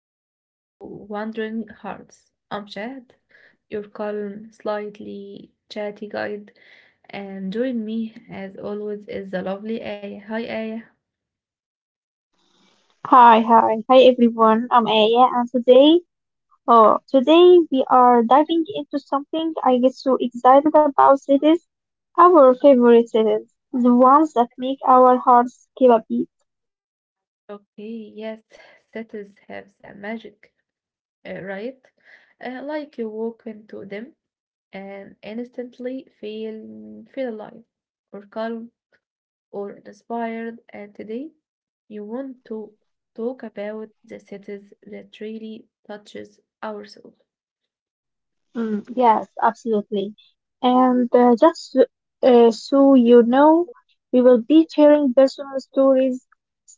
welcome back to Wandering Hearts. I'm Chad, your calm, slightly chatty guide, and join me as always is the lovely Aya. Hi Aya. Hi, hi, hi everyone. I'm Aya, and today we are diving into something I get so excited about cities, our favorite cities, the ones that make our hearts skip a beat. Okay, yes, cities have the magic, right? Like you walk into them and instantly feel alive or calm or inspired, and today you want to talk about the cities that really touches our soul. Mm, yes, absolutely. And just so, so you know, we will be sharing personal stories,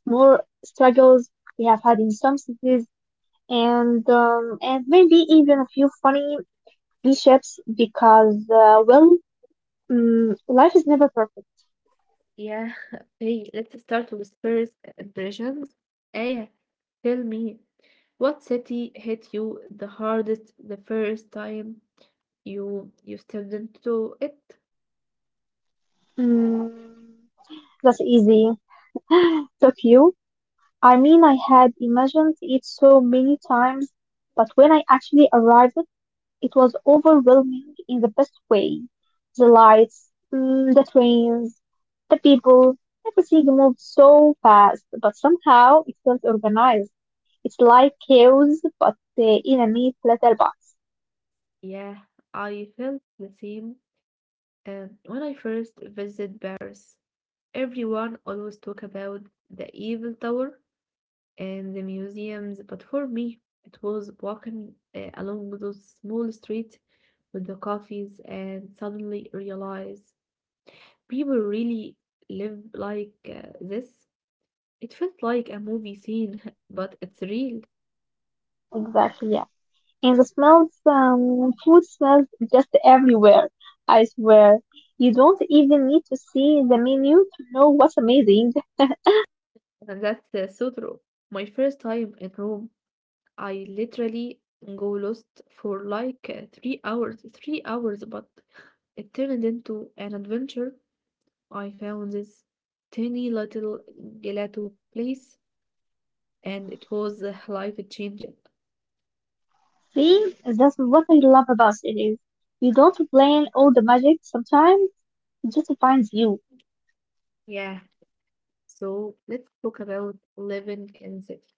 more struggles we have had in some cities, and and maybe even a few funny mishaps because well. Mm, life is never perfect. Yeah, hey, let's start with first impressions. Aya, tell me, what city hit you the hardest the first time you stepped into it? Mm, that's easy. Fuck you. I mean, I had imagined it so many times, but when I actually arrived, it was overwhelming in the best way. The lights, mm, the trains, the people, everything moved so fast, but somehow it felt organized. It's like chaos, but in a neat little box. Yeah, I felt the same. When I first visited Paris, everyone always talk about the Eiffel Tower, and the museums. But for me, it was walking along those small streets with the coffees and suddenly realize people really live like this. It felt like a movie scene, but it's real. Exactly, yeah. And the smells, food smells just everywhere. I swear. You don't even need to see the menu to know what's amazing. And that's so true. My first time in Rome, I literally go lost for like 3 hours, but it turned into an adventure. I found this tiny little gelato place and it was life changing. See, that's what I love about cities. You don't plan all the magic, sometimes it just finds you. Yeah. So let's talk about living in cities.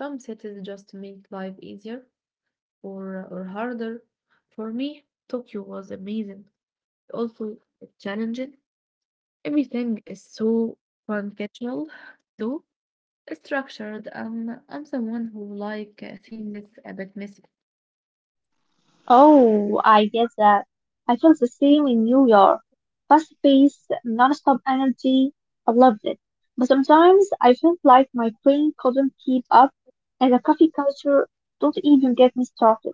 Some cities just make life easier or harder. For me, Tokyo was amazing. Also challenging. Everything is so conceptual, though structured. I'm someone who like things a bit messy. Oh, I get that. I felt the same in New York. Fast paced, non-stop energy. I loved it. But sometimes I felt like my brain couldn't keep up, and the coffee culture, don't even get me started.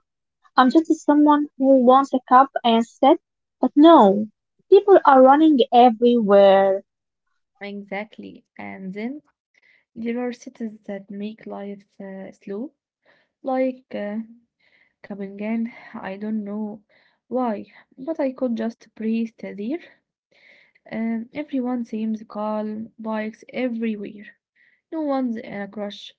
I'm just someone who wants a cup and sit. But no, people are running everywhere. Exactly. And then there are cities that make life slow, like Copenhagen. I don't know why, but I could just breathe there. Everyone seems calm, bikes everywhere. No one's in a crush.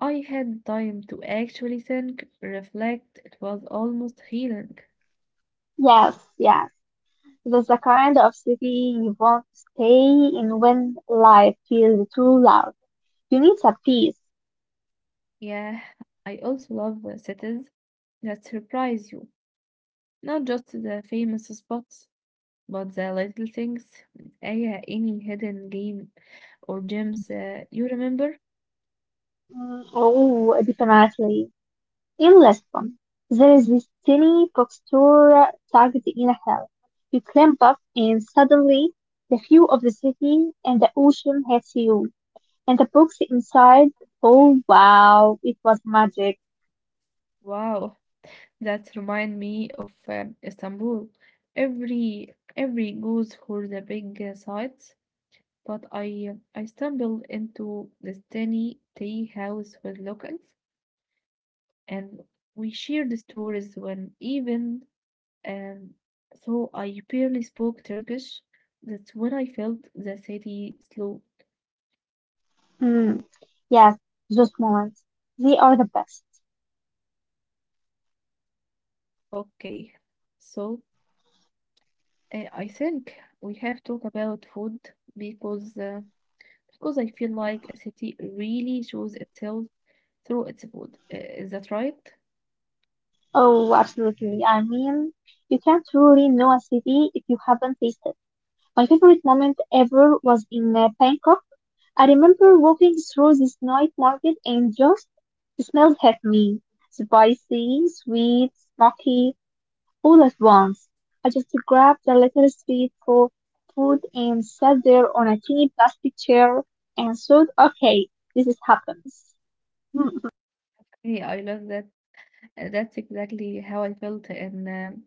I had time to actually think, reflect. It was almost healing. Yes, yes. That's the kind of city you won't stay in when life feels too loud. You need some peace. Yeah, I also love the cities that surprise you. Not just the famous spots, but the little things. Yeah, any hidden game or gems, you remember? Mm, oh, definitely. In Lisbon, there is this tiny bookstore tucked in a hill. You climb up and suddenly the view of the city and the ocean hits you. And the books inside. Oh wow, it was magic. Wow. That remind me of Istanbul. Every goes for the big sights, but I stumbled into this tiny tea house with locals, and we shared stories when even, um, though I barely spoke Turkish, that's when I felt the city slow. Mm, yes, those moments. They are the best. Okay, so I think we have talked about food because uh, Because I feel like a city really shows itself through its food. Is that right? Oh, absolutely. I mean, you can't really know a city if you haven't tasted. My favorite moment ever was in Bangkok. I remember walking through this night market and just the smells hit me. Spicy, sweet, smoky, all at once, I just grabbed a little food and sat there on a teeny plastic chair and thought, okay, this is happens. Yeah, I love that. That's exactly how I felt in um,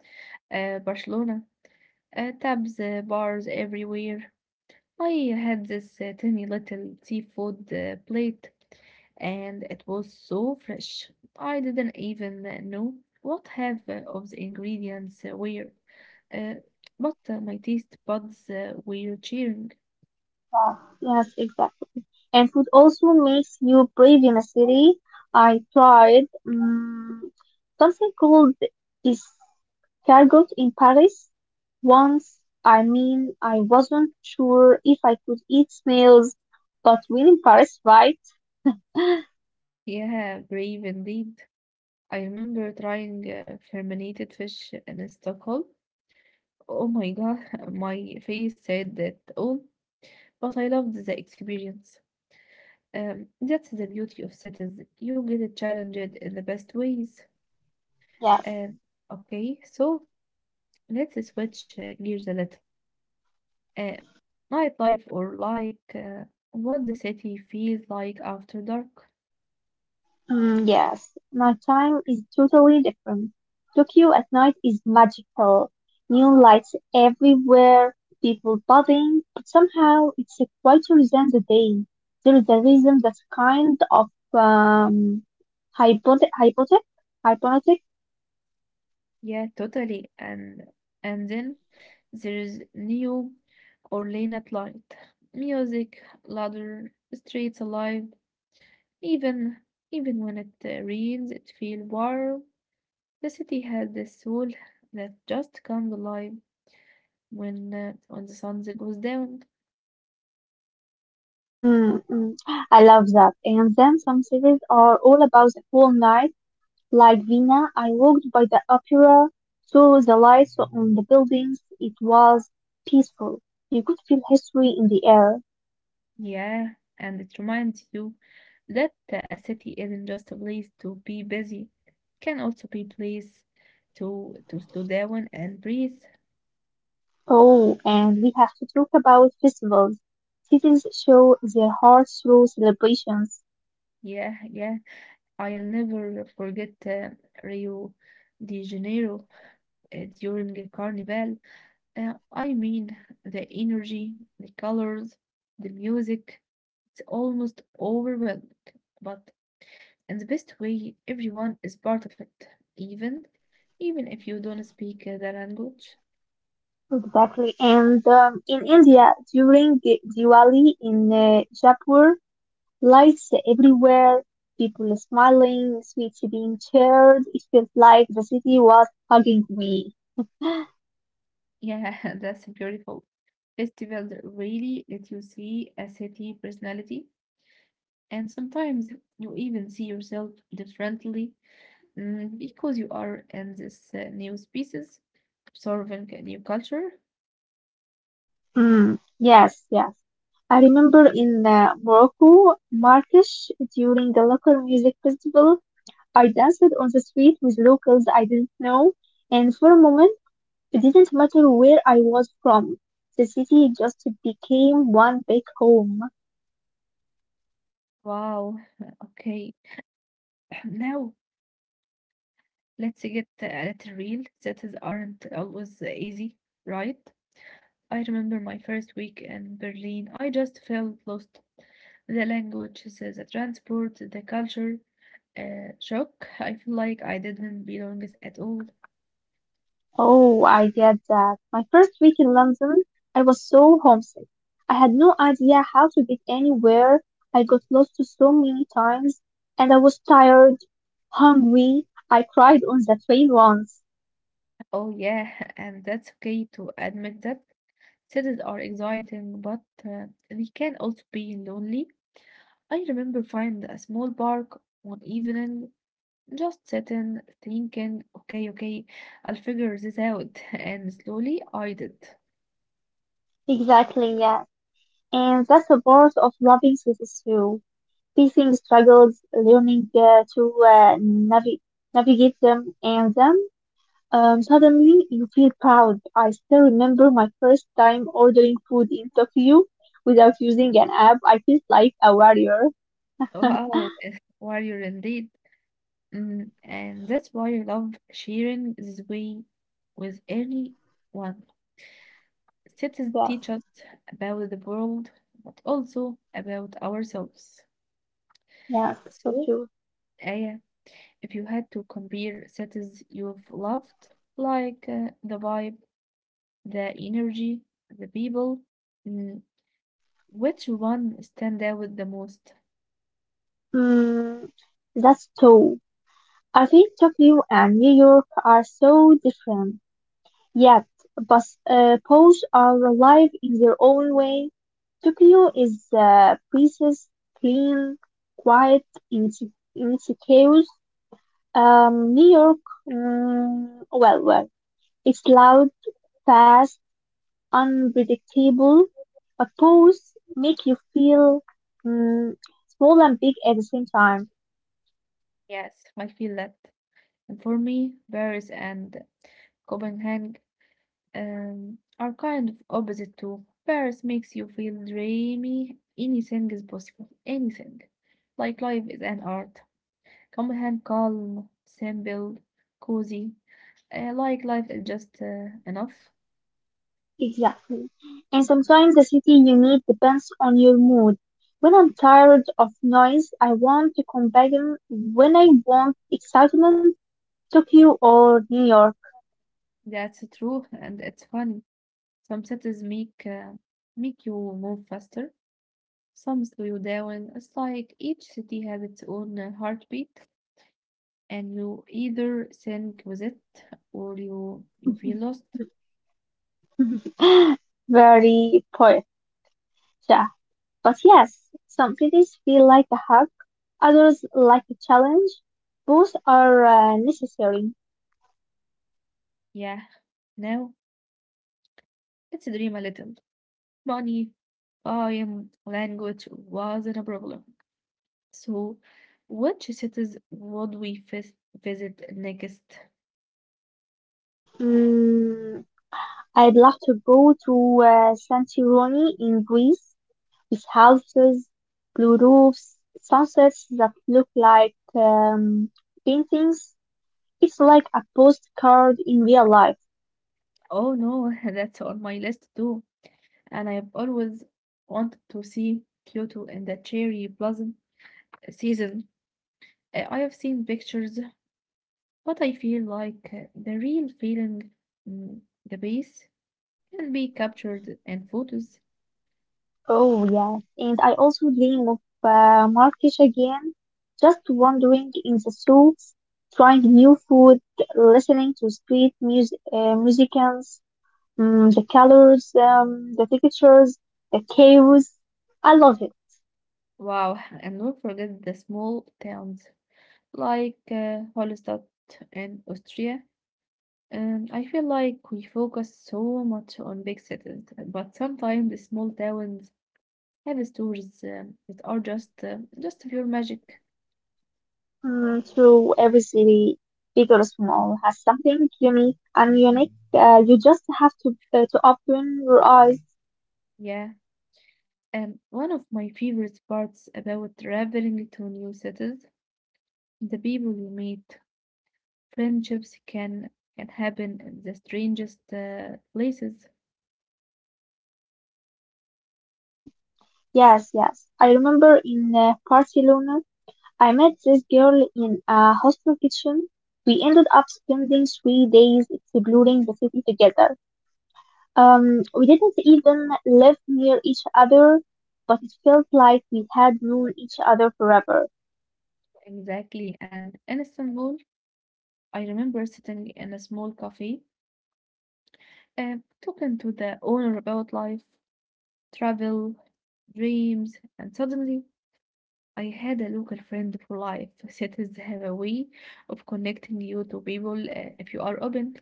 uh, Barcelona. Tabs, bars everywhere. I had this tiny little seafood plate, and it was so fresh. I didn't even know what half of the ingredients were, uh, but my taste buds were cheering. Yeah, yes, exactly. And food also makes you brave in a city. I tried something called escargot in Paris once. I mean, I wasn't sure if I could eat snails, but we're in Paris, right? Yeah, brave indeed. I remember trying fermented fish in Stockholm. Oh my God, my face said that all, but I loved the experience. That's the beauty of cities. You get challenged in the best ways. Yes. Um, okay, so let's switch gears a little. Uh, Nightlife or like, what the city feels like after dark. Mm, yes, nighttime is totally different. Tokyo at night is magical. Neon lights everywhere, people buzzing, but somehow it's quieter than the day. There is a reason that's kind of um, hypothe- hypothe- hypnotic. Yeah, totally. And then there's Neo or lane at night. Music, louder, streets alive. Even even when it rains, it feels warm. The city has this soul that just comes alive when the sun goes down. Mm, mm. I love that. And then some cities are all about the whole night. Like Vienna, I walked by the opera, saw the lights on the buildings. It was peaceful. You could feel history in the air. Yeah, and it reminds you that a city isn't just a place to be busy. It can also be a place to slow down and breathe. Oh, and we have to talk about festivals. Cities show their hearts through celebrations. Yeah, yeah. I'll never forget Rio de Janeiro during a carnival. I mean, the energy, the colors, the music, it's almost overwhelming. But in the best way, everyone is part of it, even even if you don't speak the language. Exactly. And in India, during Diwali in Jaipur, lights everywhere, people smiling, sweets being shared. It felt like the city was hugging me. Yeah, that's beautiful. Festivals really let you see a city personality, and sometimes you even see yourself differently, because you are in this new species, observing a new culture. Mm, yes, yes. I remember in Morocco, Marrakesh, during the local music festival, I danced on the street with locals I didn't know, and for a moment, it didn't matter where I was from. The city just became one big home. Wow. Okay. Now let's get a little real. That is aren't always easy, right? I remember my first week in Berlin. I just felt lost. The language, the transport, the culture, shock. I feel like I didn't belong at all. Oh, I get that. My first week in London, I was so homesick. I had no idea how to get anywhere. I got lost so many times, and I was tired, hungry. I cried on the train once. Oh yeah, and that's okay to admit that. Cities are exciting, but they can also be lonely. I remember finding a small park one evening, just sitting, thinking, okay, okay, I'll figure this out. And slowly I did. Exactly, yeah. And that's the part of loving cities too. Facing struggles, learning navigate them and them. Suddenly, you feel proud. I still remember my first time ordering food in Tokyo without using an app. I felt like a warrior. Wow, warrior indeed. And that's why I love sharing this way with anyone. Citizens Yes, teach us about the world, but also about ourselves. yes, for So, sure. Aya, if you had to compare cities you've loved, like, the vibe, the energy, the people, mm, which one stand out the most? Mm, that's true. I think Tokyo and New York are so different. Yes, but Poles are alive in their own way. Tokyo is precise, clean, quiet, in its in its chaos. New York, mm, well, well, it's loud, fast, unpredictable, but Poles make you feel mm, small and big at the same time. Yes, I feel that. And for me, Paris and Copenhagen, are kind of opposite too. Paris makes you feel dreamy, anything is possible, anything. Like life is an art. Copenhagen calm, simple, cozy. Like life is just enough. Exactly. And sometimes the city you need depends on your mood. When I'm tired of noise, I want to come back in. When I want excitement, Tokyo or New York. That's true, and it's funny. Some cities make you move faster. Some slow down. It's like each city has its own heartbeat, and you either sing with it or you feel lost. Very poet. Yeah. But yes, some cities feel like a hug, others like a challenge. Both are necessary. Yeah. Now let's dream a little. Money, time, language wasn't a problem. So, which cities would we visit next? Mm, I'd love to go to Santorini in Greece. With houses, blue roofs, sunsets that look like paintings. It's like a postcard in real life. Oh no, that's on my list too. And I've always wanted to see Kyoto in the cherry blossom season. I have seen pictures. But I feel like the real feeling, mm, the base can be captured in photos. Oh, yes. And I also dream of Marrakesh again, just wandering in the souks, trying new food, listening to street music, musicians, mm, the colors, the textures, the chaos. I love it. Wow, and don't forget the small towns like, Hallstatt in Austria. And I feel like we focus so much on big cities, but sometimes the small towns have stories, that are just pure magic. Mm, true, every city, big or small, has something unique and unique. You just have to open your eyes. Yeah, and one of my favorite parts about traveling to new cities, the people you meet. Friendships can happen in the strangest places. Mm, yes, yes. I remember in Barcelona, I met this girl in a hostel kitchen. We ended up spending 3 days exploring the city together. We didn't even live near each other, but it felt like we had known each other forever. Exactly. And in Istanbul, I remember sitting in a small cafe, uh, talking to the owner about life, travel, dreams, and suddenly I had a local friend for life. Cities have a way of connecting you to people, if you are open.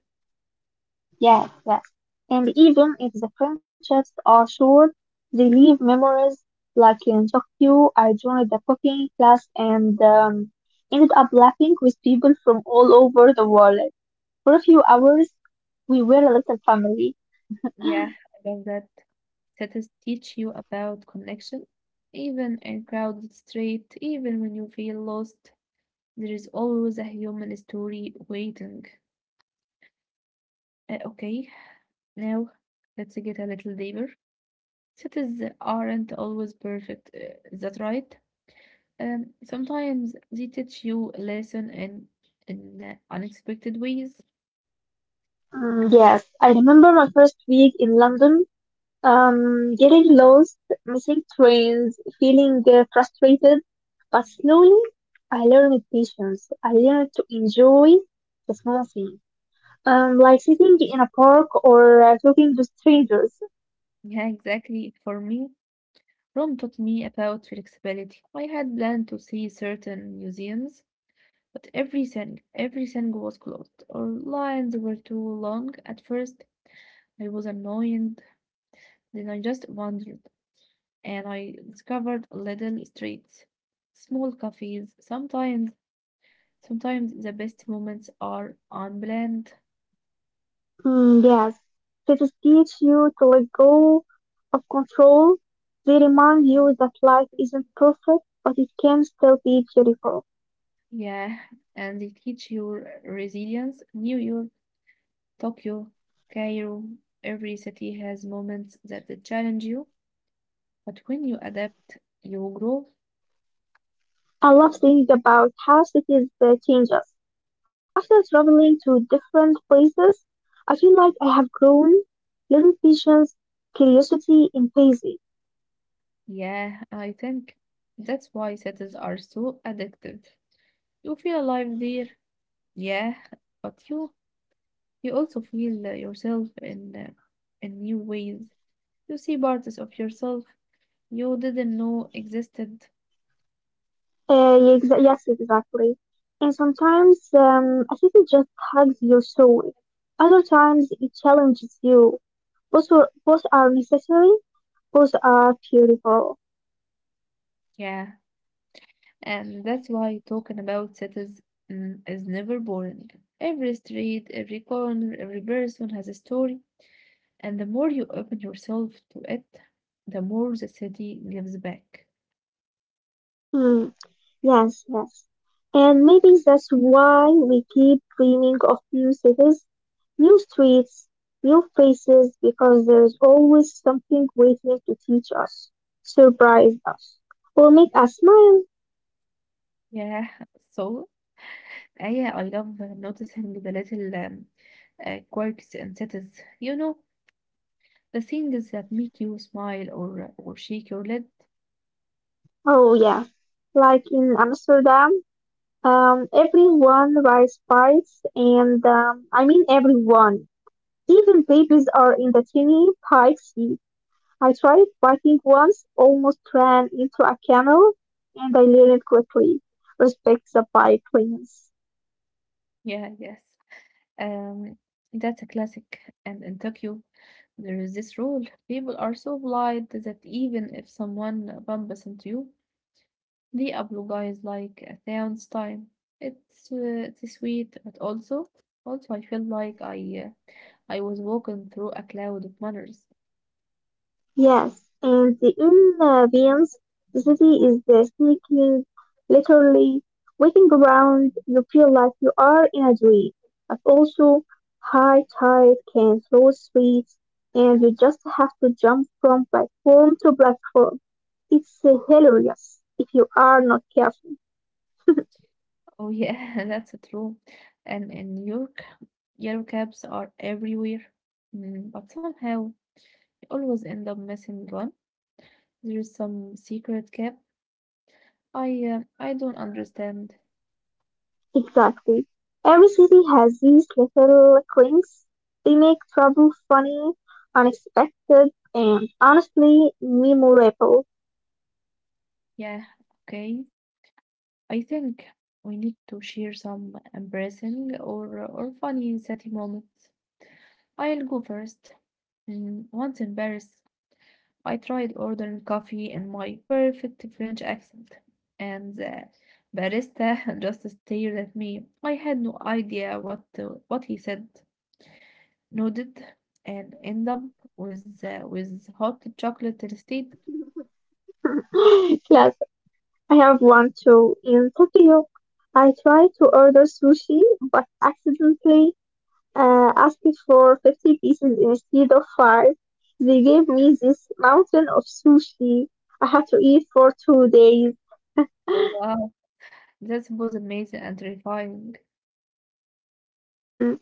Yes, yes. And even if the friendships are short, they leave memories. Like in Tokyo, I joined the cooking class and ended up laughing with people from all over the world. For a few hours, we were a little family. Yeah, I love that. Cities teach you about connection, even in crowded street, even when you feel lost. There is always a human story waiting. Okay, now let's get a little deeper. Cities aren't always perfect, is that right? Sometimes they teach you a lesson in unexpected ways. Mm, yes, I remember my first week in London, getting lost, missing trains, feeling frustrated, but slowly I learned patience. I learned to enjoy the small things. Like sitting in a park or talking to strangers. Yeah, exactly. For me, Rome taught me about flexibility. I had planned to see certain museums, but everything, everything was closed, or lines were too long. At first, I was annoyed, then I just wondered, and I discovered little streets, small cafes. Sometimes, sometimes the best moments are unplanned. Mm, yes, cities teach you to let go of control. They remind you that life isn't perfect, but it can still be beautiful. Yeah, and they teach you resilience. New York, Tokyo, Cairo, every city has moments that they challenge you, but when you adapt, you grow. I love thinking about how cities change us. After traveling to different places, I feel like I have grown little patience, curiosity, and patience. Yeah, I think that's why cities are so addictive. You feel alive there. Yeah, but you also feel yourself in new ways. You see parts of yourself you didn't know existed. Yes, exactly. And sometimes I think it just hugs your soul. Other times it challenges you. Both are necessary. Both are beautiful. Yeah, and that's why talking about cities, is never boring. Every street, every corner, every person has a story, and the more you open yourself to it, the more the city gives back. Mm, yes, yes. And maybe that's why we keep dreaming of new cities, new streets, new faces, because there's always something waiting to teach us, surprise us, or make us smile. Yeah, so yeah, I love noticing the little, quirks in cities. The things that make you smile or shake your lid. Oh yeah, like in Amsterdam. Everyone rides bikes, and I mean everyone. Even babies are in the tiny bike seat. I tried biking once, almost ran into a camel, and I learned quickly. Respect the bike lanes. Yeah, yes. Um, that's a classic. And in Tokyo, there is this rule. People are so polite that even if someone bumps into you, they apologize like a thousandth time. It's sweet, but also I feel like I was walking through a cloud of manners. Yes, in the Illyrians, the city is the sneaking, literally walking around. You feel like you are in a dream, but also high tide can flood streets, and you just have to jump from platform to platform. It's hilarious if you are not careful. Oh yeah, that's true. And in New York, yellow cabs are everywhere. But somehow always end up missing one. There's some secret cap. I don't understand. Exactly. Every city has these little quirks. They make travel funny, unexpected, and honestly memorable. Yeah, okay. I think we need to share some embarrassing or funny city moments. I'll go first. Once in Paris, I tried ordering coffee in my perfect French accent, and the barista just stared at me. I had no idea what he said. Nodded and end up with hot chocolate instead. Yes, I have one too. In Tokyo, I tried to order sushi, but accidentally asked for 50 pieces instead of 5. They gave me this mountain of sushi I had to eat for 2 days. Oh wow, that was amazing and terrifying. Hmm.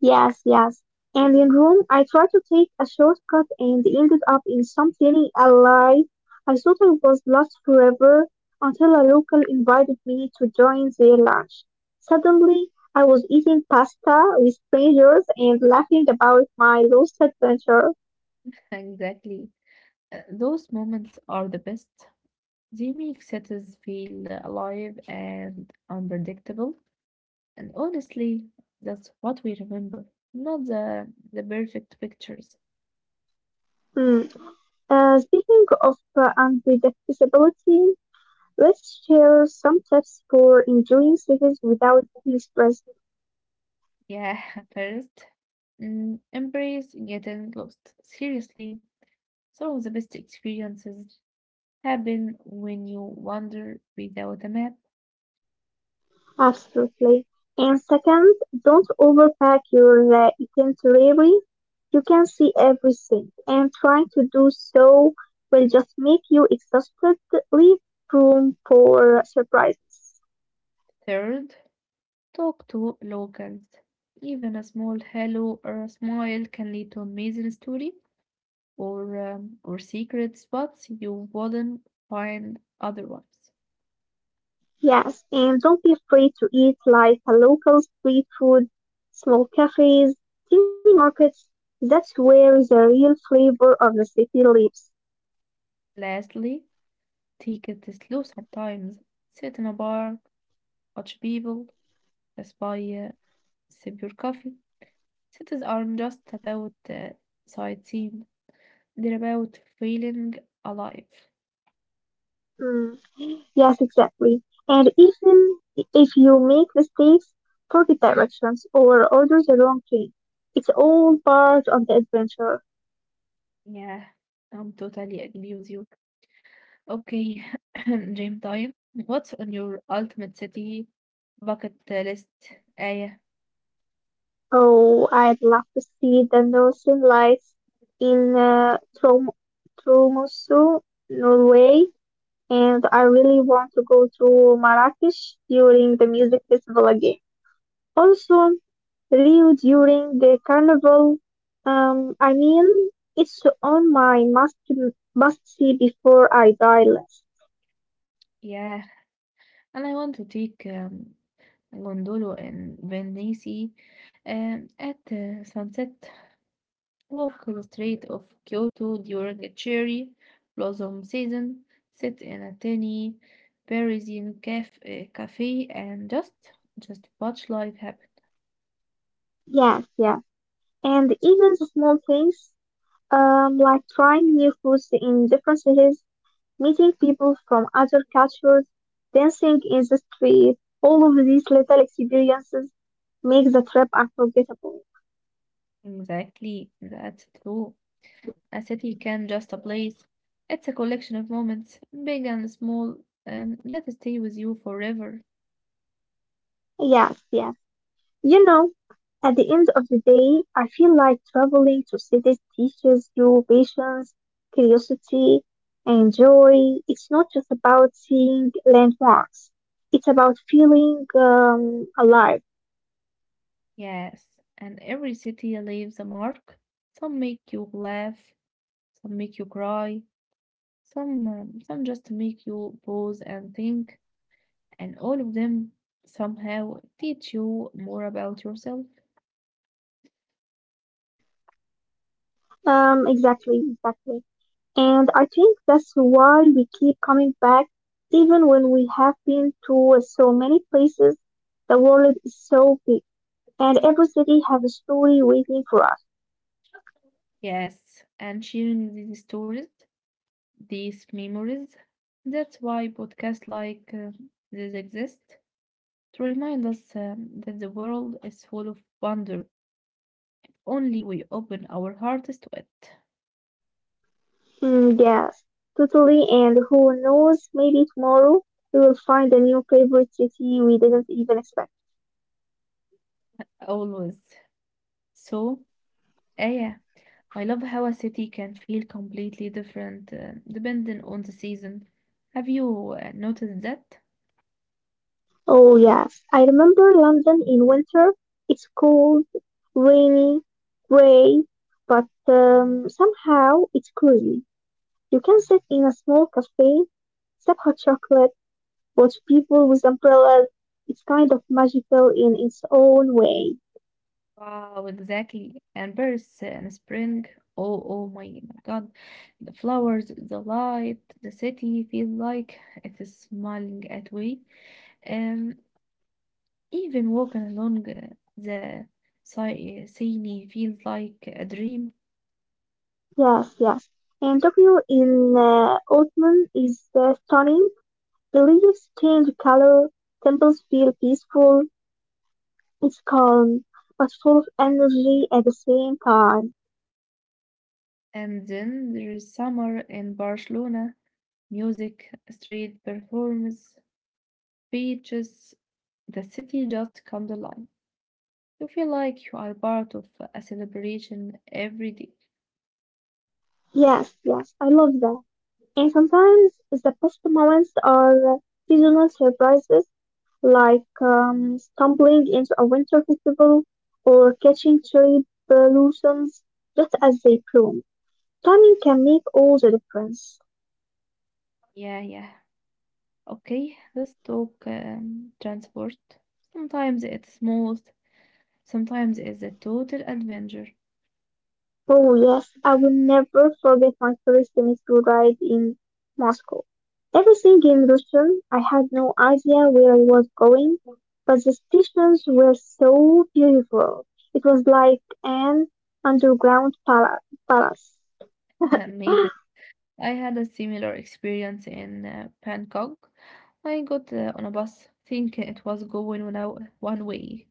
Yes, yes. And in Rome, I tried to take a shortcut and ended up in some tiny alley. I thought I was lost forever until a local invited me to join their lunch. Suddenly, I was eating pasta with strangers and laughing about my lost adventure. Exactly. Those moments are the best. They make cities feel alive and unpredictable. And honestly, that's what we remember. Not the perfect pictures. Hmm. Speaking of unpredictability, let's share some tips for enjoying cities without being stressed. Yeah, first. Embrace getting lost. Seriously, some of the best experiences happen when you wander without a map. Absolutely. And second, don't overpack your itinerary. You can see everything, and trying to do so will just make you exhausted. Leave room for surprises. Third, talk to locals. Even a small hello or a smile can lead to amazing story or secret spots you wouldn't find otherwise. Yes, and don't be afraid to eat like a local street food, small cafes, teeny markets. That's where the real flavor of the city lives. Lastly, take it slow sometimes. Sit in a bar, watch people, spy, sip your coffee. Cities aren't just about sightseeing, they're about feeling alive. Mm. Yes, exactly. And even if you make mistakes, forget directions, or order the wrong thing, it's all part of the adventure. Yeah, I'm totally agree with you. Okay, dream time. What's on your ultimate city bucket list? Aya. Oh, I'd love to see the northern lights in Tromsø, Norway, and I really want to go to Marrakesh during the music festival again. Also, Rio during the carnival. I mean, it's on my must see before I die list. Yeah, and I want to take Gondolo and Venice at sunset. Walk on the street of Kyoto during the cherry blossom season, sit in a tiny Parisian cafe and just watch life happen. Yes, yeah. And even the small things, like trying new foods in different cities, meeting people from other cultures, dancing in the street, all of these little experiences make the trip unforgettable. Exactly, that's true. A city can just a place. It's a collection of moments, big and small, that stay with you forever. Yes, yes. You know, at the end of the day, I feel like traveling to cities teaches you patience, curiosity, and joy. It's not just about seeing landmarks. It's about feeling alive. Yes, and every city leaves a mark. Some make you laugh, some make you cry, some just make you pause and think. And all of them somehow teach you more about yourself. Exactly, exactly. And I think that's why we keep coming back, even when we have been to so many places. The world is so big, and every city has a story waiting for us. Yes, and sharing these stories, these memories. That's why podcasts like this exist to remind us that the world is full of wonder. Only we open our hearts to it, Mm, yes, totally. And who knows, maybe tomorrow we will find a new favorite city we didn't even expect. always. So, eh, yeah, I love how a city can feel completely different depending on the season. Have you noticed that? Oh, yes. I remember London in winter. It's cold, rainy, gray, but somehow it's cozy. You can sit in a small cafe, sip hot chocolate, watch people with umbrellas. It's kind of magical in its own way. Wow, exactly. And birds and spring. Oh, oh my God. The flowers, the light, the city feel like it is smiling at me. Um, Even walking along the Seine feels like a dream. Yes, yes. And Tokyo in autumn is stunning. The leaves change color, temples feel peaceful, it's calm, but full of energy at the same time. And then there is summer in Barcelona, music, street performance, beaches. The city just comes alive. You feel like you are part of a celebration every day. Yes, yes, I love that. And sometimes the best moments are seasonal surprises, like stumbling into a winter festival or catching cherry blossoms just as they bloom. Timing can make all the difference. Yeah, yeah. Okay, let's talk transport. Sometimes it's smooth, sometimes it's a total adventure. Oh yes, I will never forget my first semester ride in Moscow. Everything in Russian, I had no idea where I was going, but the stations were so beautiful. It was like an underground palace. Amazing. I had a similar experience in Bangkok. I got on a bus, think it was going on a one way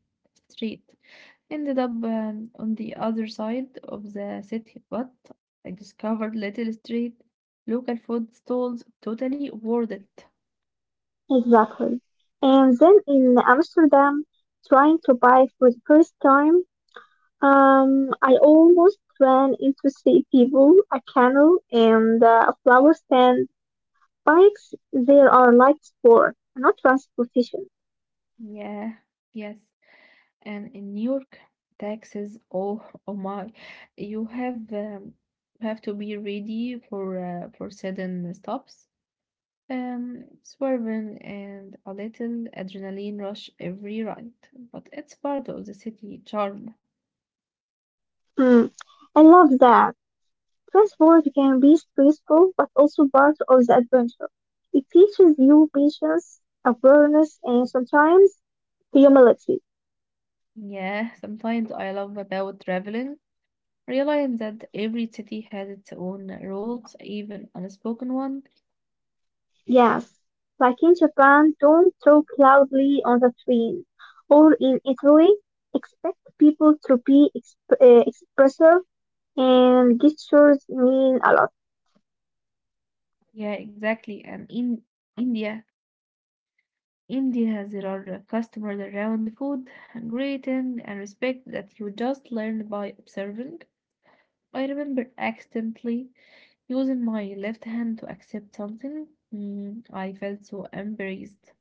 street. Ended up on the other side of the city, but I discovered little street, local food stalls, totally worth it. Exactly. And then in Amsterdam, trying to buy for the first time, I almost ran into three people, a canoe, and a flower stand. Bikes they are like sport, not transportation. Yeah, yes. And in York taxes, oh, oh my, you have to be ready for for sudden stops, um, swerving and a little adrenaline rush every ride, but it's part of the city charm. Hmm. I love that. Transport can be stressful, but also part of the adventure. It teaches you patience, awareness, and sometimes humility. Yeah, sometimes I love about traveling realizing that every city has its own rules, even unspoken one. Yes, like in Japan, don't talk loudly on the train. Or in Italy, expect people to be expressive and gestures mean a lot. Yeah, exactly. And in india India, there are customers around food and greeting and respect that you just learn by observing. I remember accidentally using my left hand to accept something. I felt so embarrassed.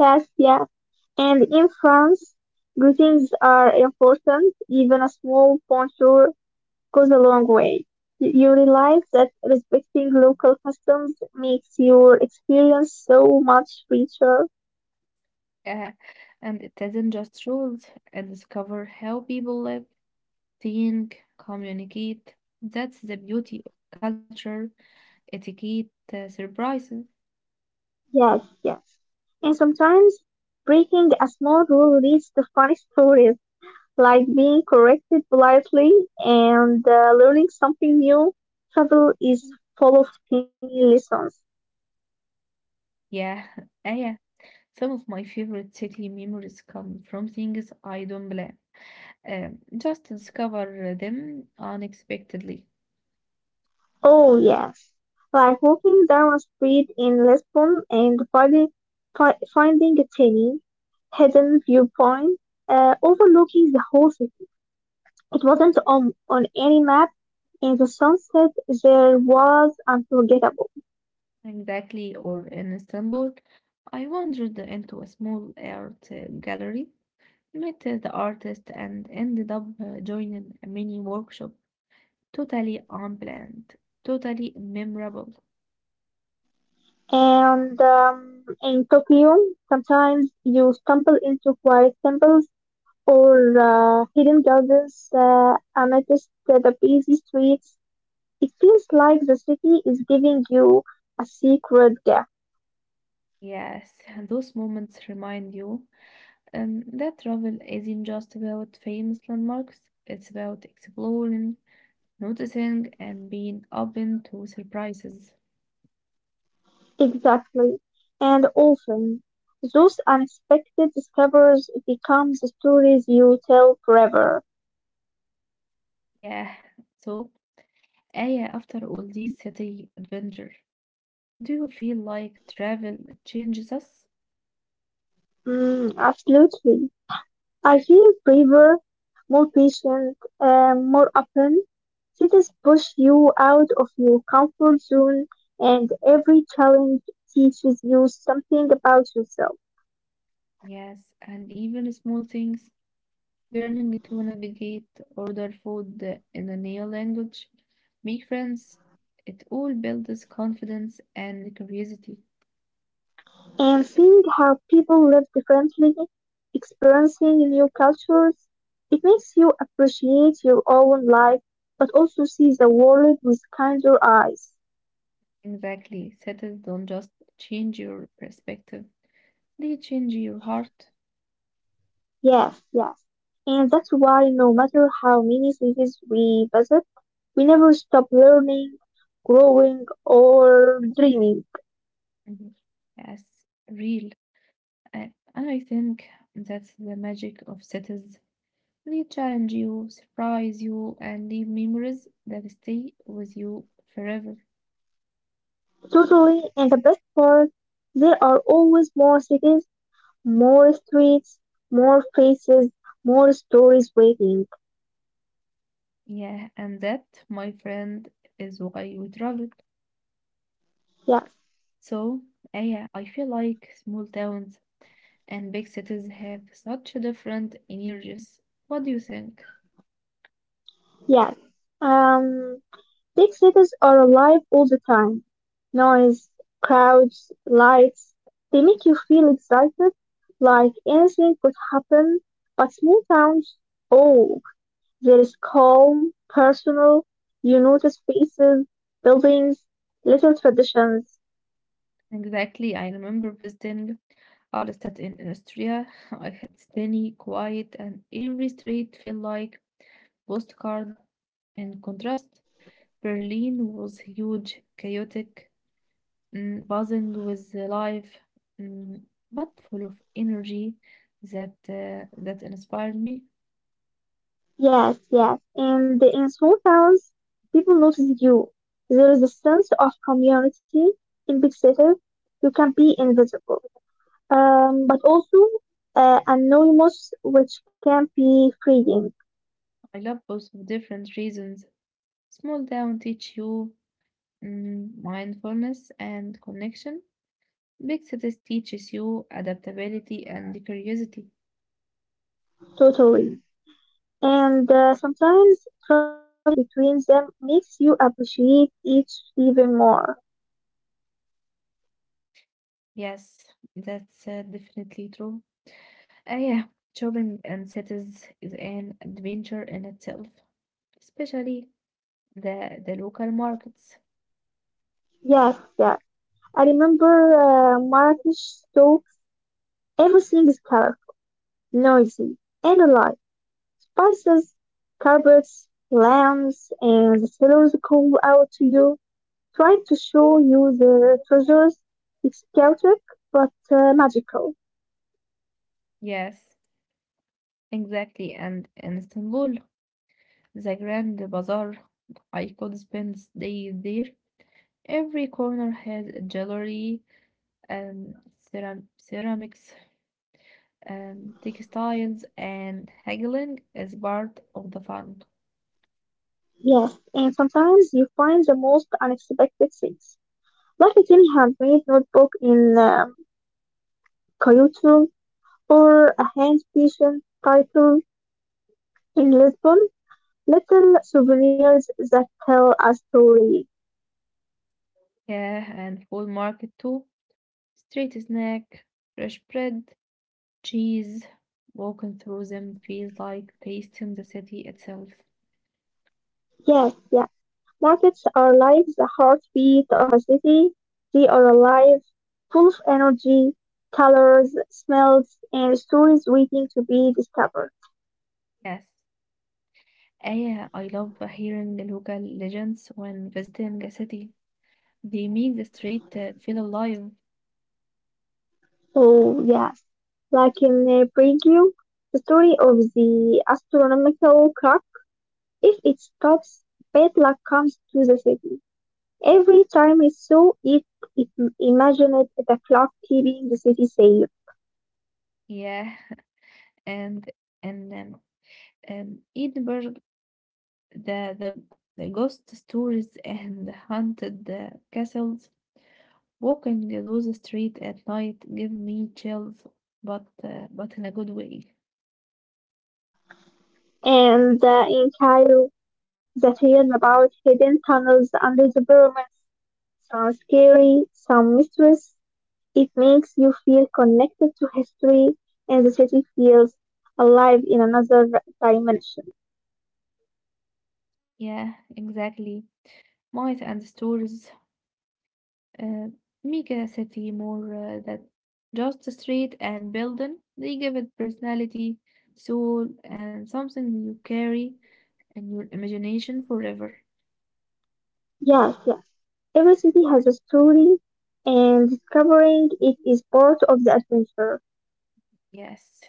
Yes, yes. And in France, greetings are important. Even a small bonjour goes a long way. You realize that respecting local customs makes your experience so much richer. Uh, and it isn't just rules, and discover how people live, think, communicate. That's the beauty of culture, etiquette, surprises. Yes, yes. And sometimes breaking a small rule leads to funny stories, like being corrected politely and learning something new. Travel is full of tiny lessons. Yeah, yeah. Some of my favorite city memories come from things I don't plan. Just discover them unexpectedly. Oh yes, like walking down a street in Lisbon and finding a tiny hidden viewpoint overlooking the whole city. It wasn't on any map, and the sunset there was unforgettable. Exactly, or in Istanbul, I wandered into a small art gallery, met the artist, and ended up joining a mini workshop, totally unplanned, totally memorable. And in Tokyo, sometimes you stumble into quiet temples or hidden gardens amidst the busy streets. It feels like the city is giving you a secret gift. Yes, and those moments remind you that travel isn't just about famous landmarks, it's about exploring, noticing, and being open to surprises. Exactly. And often, those unexpected discoveries become the stories you tell forever. Yeah, so Aya, after all this city adventure, do you feel like travel changes us? Mm, absolutely. I feel braver, more patient, and more open. Cities push you out of your comfort zone, and every challenge teaches you something about yourself. Yes, and even small things, learning to navigate, order food in a new language, make friends, it all builds confidence and curiosity. And seeing how people live differently, experiencing new cultures, it makes you appreciate your own life, but also see the world with kinder eyes. Exactly, cities don't just change your perspective, they change your heart. Yes, yes. And that's why no matter how many cities we visit, we never stop learning, growing, or dreaming. Mhm. Yes, real. And I think that's the magic of cities. They challenge you, surprise you, and leave memories that stay with you forever. Totally, and the best part, there are always more cities, more streets, more faces, more stories waiting. Yeah, and that, my friend, is why we travel. Yes. So, yeah, I feel like small towns and big cities have such different energies. What do you think? Yes. Um, Big cities are alive all the time. Noise, crowds, lights. They make you feel excited, like anything could happen. But small towns, oh, there is calm, personal. You notice faces, buildings, little traditions. Exactly, I remember visiting Alstadt in Austria. I had sunny, quiet, and every street felt like postcard in contrast. Berlin was huge, chaotic, mm, buzzing with life, mm, but full of energy that inspired me. Yes, yes. And in small towns, people notice you. There is a sense of community. In big cities, you can be invisible. But also anonymous, which can be freeing. I love both for different reasons. Small town teach you, mm, mindfulness and connection. Big cities teaches you adaptability and curiosity. Totally. And sometimes traveling between them makes you appreciate each even more. Yes, that's definitely true. Ah, yeah, shopping in cities is an adventure in itself, especially the local markets. Yes, yes. I remember Marrakesh, so everything is colorful, noisy, and alive. Spices, carpets, lamps, and the sailors call out to you, trying to show you the treasures. It's chaotic, but magical. Yes, exactly. And in Istanbul, the Grand Bazaar, I could spend days there. Every corner has a jewelry, um, ceramics, textiles, and haggling is part of the fun. Yes, and sometimes you find the most unexpected things, like a tiny handmade notebook in Kyoto or a hand-pieced title in Lisbon. Little souvenirs that tell a story. Yeah, and food market too. Street snack, fresh bread, cheese. Walking through them feels like tasting the city itself. Yes, yeah. Markets are like the heartbeat of a city. They are alive, full of energy, colors, smells, and stories waiting to be discovered. Yes. I love hearing the local legends when visiting a city. They make the street feel alive. Oh, yes. Like in Preview, the story of the astronomical clock. If it stops, bad luck comes to the city. Every time it saw it, it imagined the clock keeping the city safe. Yeah, and and Edinburgh, the the the ghost stories and the haunted castles. Walking those streets at night give me chills, but in a good way. And in Cairo, the tale about hidden tunnels under the pyramids. Sounds scary, some mysterious. It makes you feel connected to history, and the city feels alive in another dimension. Yeah, exactly. Mice and stories آه، make a city more that just a street and building. They give it personality, soul, and something you carry in your imagination forever. Yes, yes. Every city has a story, and discovering it is part of the adventure. Yes,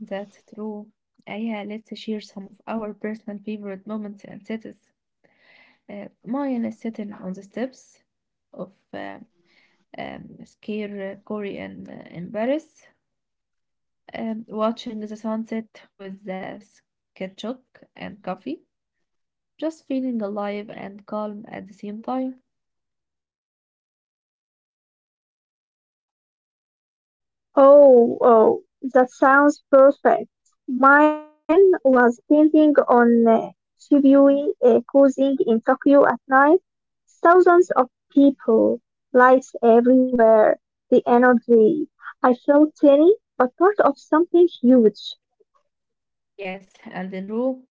that's true. Yeah, let's share some of our personal favorite moments and cities. Mine is sitting on the steps of Scare Corey in Paris, watching the sunset with the ketchup and coffee, just feeling alive and calm at the same time. Oh, oh, that sounds perfect. Mine was thinking on Shibuya cruising in Tokyo at night. Thousands of people, lights everywhere, the energy. I felt tiny, but part of something huge. Yes, and in Rome,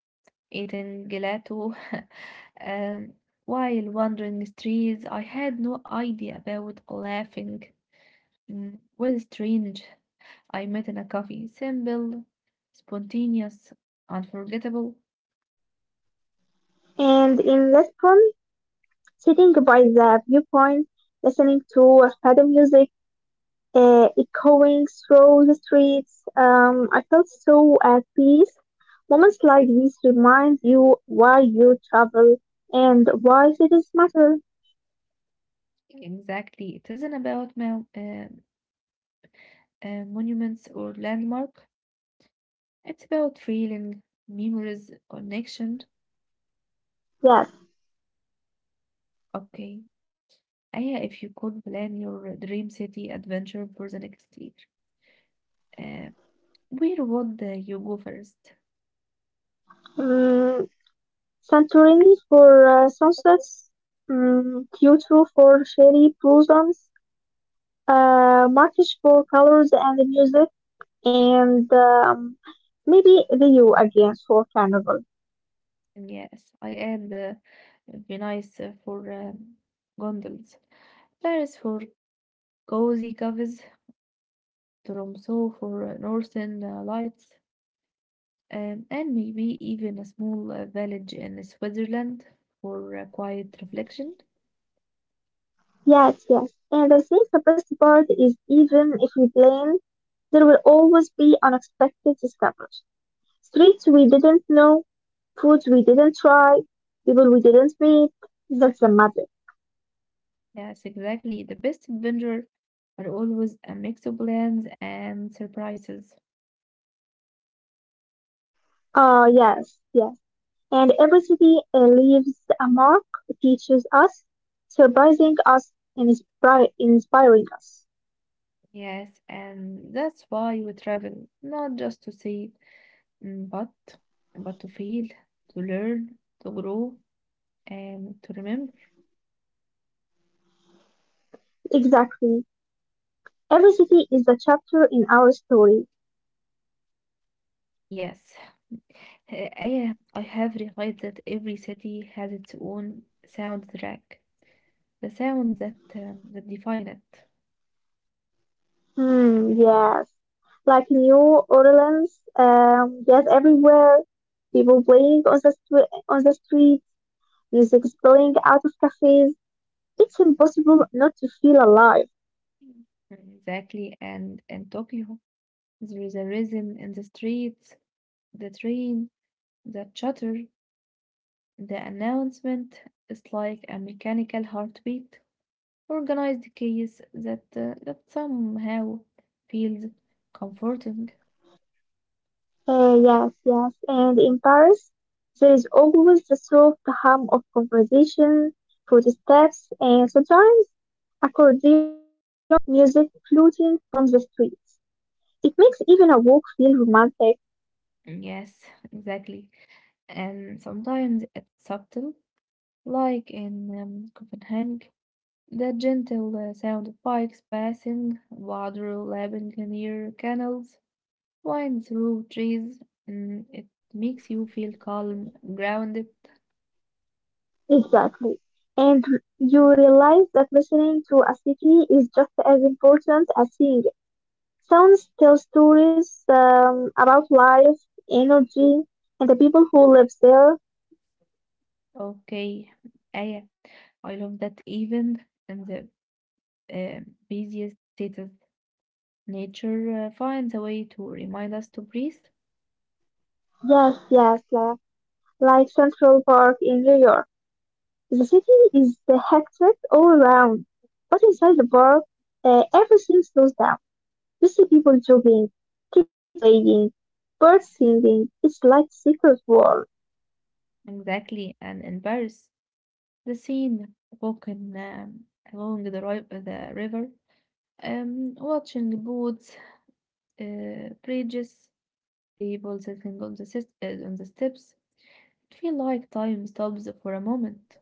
eating gelato um, while wandering streets, I had no idea about laughing, mm, was strange. I met in a coffee. Simple, spontaneous, unforgettable. And in Lisbon, sitting by the viewpoint, listening to fado music echoing through the streets. I felt so at peace. Moments like these remind you why you travel and why cities matter. Exactly. It isn't about monuments or landmark. It's about feeling, memories, connection. Yes. Okay. Aya, if you could plan your dream city adventure for the next year, uh, where would you go first? Um, Santorini for sunsets, Kyoto for cherry blossoms, Marrakesh for colors and music, and maybe the U again for carnival. Yes, I add it for gondolas. Paris for cozy cafes, Tromso for northern lights, and maybe even a small village in Switzerland for quiet reflection. Yes, yes. And the best part is even if we plan, there will always be unexpected discoveries. Streets we didn't know, foods we didn't try, people we didn't meet. That's the magic. Yes, exactly. The best adventure are always a mix of plans and surprises. Ah, yes, yes. And every city leaves a mark, teaches us, surprising us, and inspiring us. Yes, and that's why we travel, not just to see, mm, but but to feel, to learn, to grow, and to remember. Exactly. Every city is a chapter in our story. Yes. I have realized that every city has its own soundtrack, the sound that that define it. Hmm, yes. Like New Orleans, yes, everywhere. People playing on the street, music is playing out of cafes. It's impossible not to feel alive. Mm. Exactly, and Tokyo, there is a rhythm in the streets, the train, the chatter, the announcement. It's like a mechanical heartbeat, organized case that somehow feels comforting. Yes, yes. And in Paris, there is always the soft hum of conversation, footsteps, and sometimes accordion music floating from the streets. It makes even a walk feel romantic. Yes, exactly, and sometimes it's subtle. Like in Copenhagen, the gentle sound of bikes passing, water lapping near canals, wind through trees. Mm, it makes you feel calm, grounded. Exactly. And you realize that listening to a city is just as important as seeing it. Sounds tell stories about life, energy, and the people who live there. Okay, I, I love that even in the uh, busiest cities, nature finds a way to remind us to breathe. Yes, yes, like Central Park in New York. The city is the hectic all around, but inside the park, everything slows down. You see people jogging, kids playing, birds singing. It's like secret world. Exactly, and in Paris, the scene walking along the river, watching boats, bridges, people sitting on on the steps. It feels like time stops for a moment.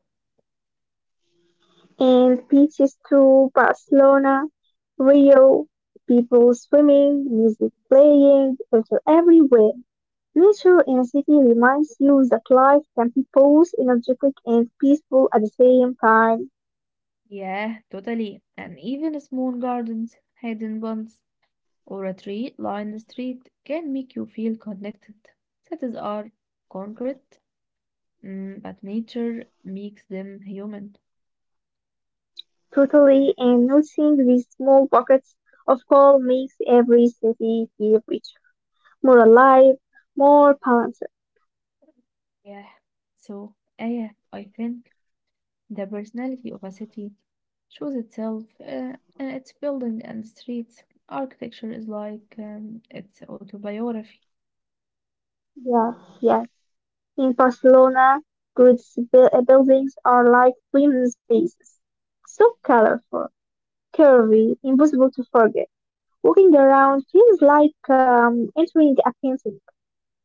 And beaches to Barcelona, Rio, people swimming, music playing, water everywhere. Nature in a city reminds you that life can be both energetic and peaceful at the same time. Yeah, totally. And even small gardens, hidden ones, or a tree lined street can make you feel connected. Cities are concrete, mm, but nature makes them human. Totally, and noticing these small pockets of calm makes every city feel richer, more alive, more balanced. Yeah. So, yeah, I think. The personality of a city shows itself in its building and streets. Architecture is like its autobiography. Yes, yes. In Barcelona, great buildings are like green spaces so colorful, curvy, impossible to forget. Walking around feels like entering a painting.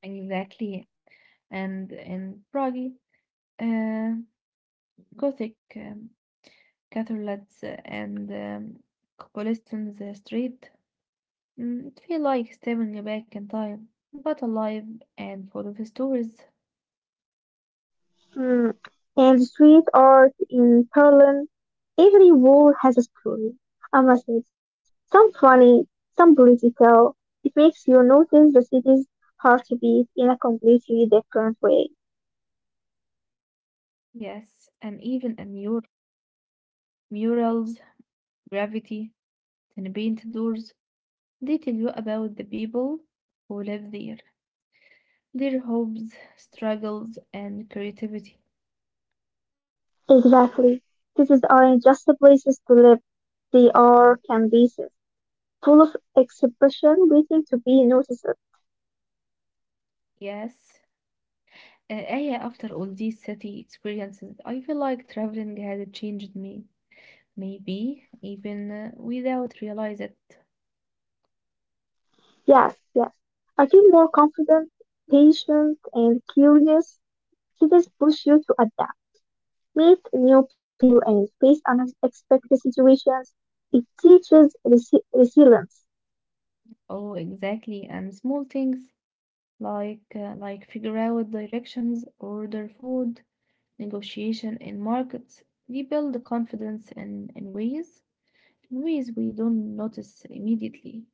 Exactly. And in Prague, uh, Gothic cathedrals and cobblestones street, mm, it feel like stepping back in time, but alive and full of stories. Mm. And street art in Berlin, every wall has a story, a message, some funny, some political. It makes you notice the city's heartbeat in a completely different way. Yes, and even in your murals, graffiti, and painted doors. They tell you about the people who live there, their hopes, struggles, and creativity. Exactly. Cities aren't just places to live, they are canvases, full of expression waiting to be noticed. Yes, Aya, after all these city experiences, I feel like traveling had changed me. Maybe even without realize it. Yes, yes. I feel more confident, patient, and curious. Cities push you to adapt, meet new people, and face unexpected situations. It teaches resilience Oh, exactly. And small things like figure out directions, order food, negotiation in markets, rebuild the confidence in ways we don't notice immediately.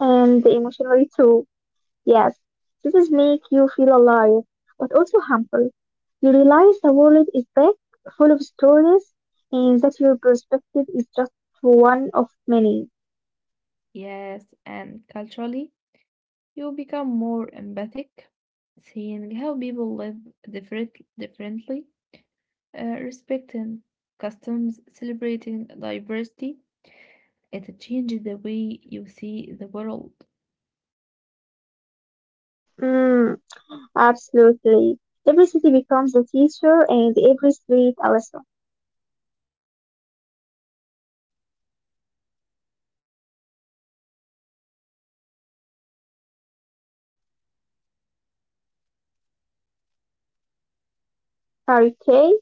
and emotionally too. Yes, cities make you feel alive, but also humble. You realize the world is big, full of stories, and that your perspective is just one of many. Yes, and culturally, you become more empathic, seeing how people live different, differently, respecting customs, celebrating diversity. It changes the way you see the world. Mm. Absolutely. Every city becomes a teacher and every street a lesson. Yes, okay. Before we wrap up today's exploration, let's share some quick tips for really enjoying a city. Parquet,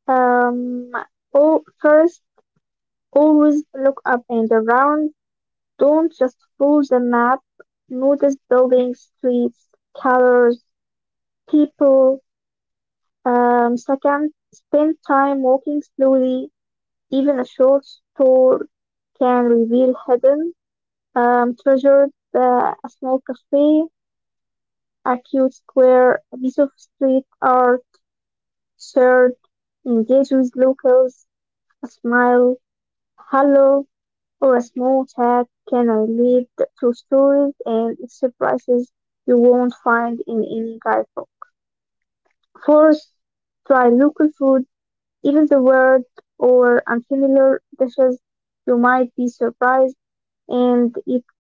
um, oh, first, always look up and around. Don't just follow the map. Notice buildings, streets, colors, people. I'm Second, agree with you, spend Aya. time walking I slowly. second Even spend a short time walking store slowly. can reveal Even hidden even a short stroll treasures, can reveal uh, a hidden small treasures. cafe, Small cafe, a a cute quiet square, square, a piece of a piece street art. of street art. Third, engage with locals. A smile, hello, Uh, or a so small chat can I lead to stories this and is the end of surprises you our won't episode. find in any guidebook. I'm so I'm so Fourth, uh, happy try to local food. talk with you, Even the Aya. weird or Goodbye. unfamiliar dishes, you might be surprised and it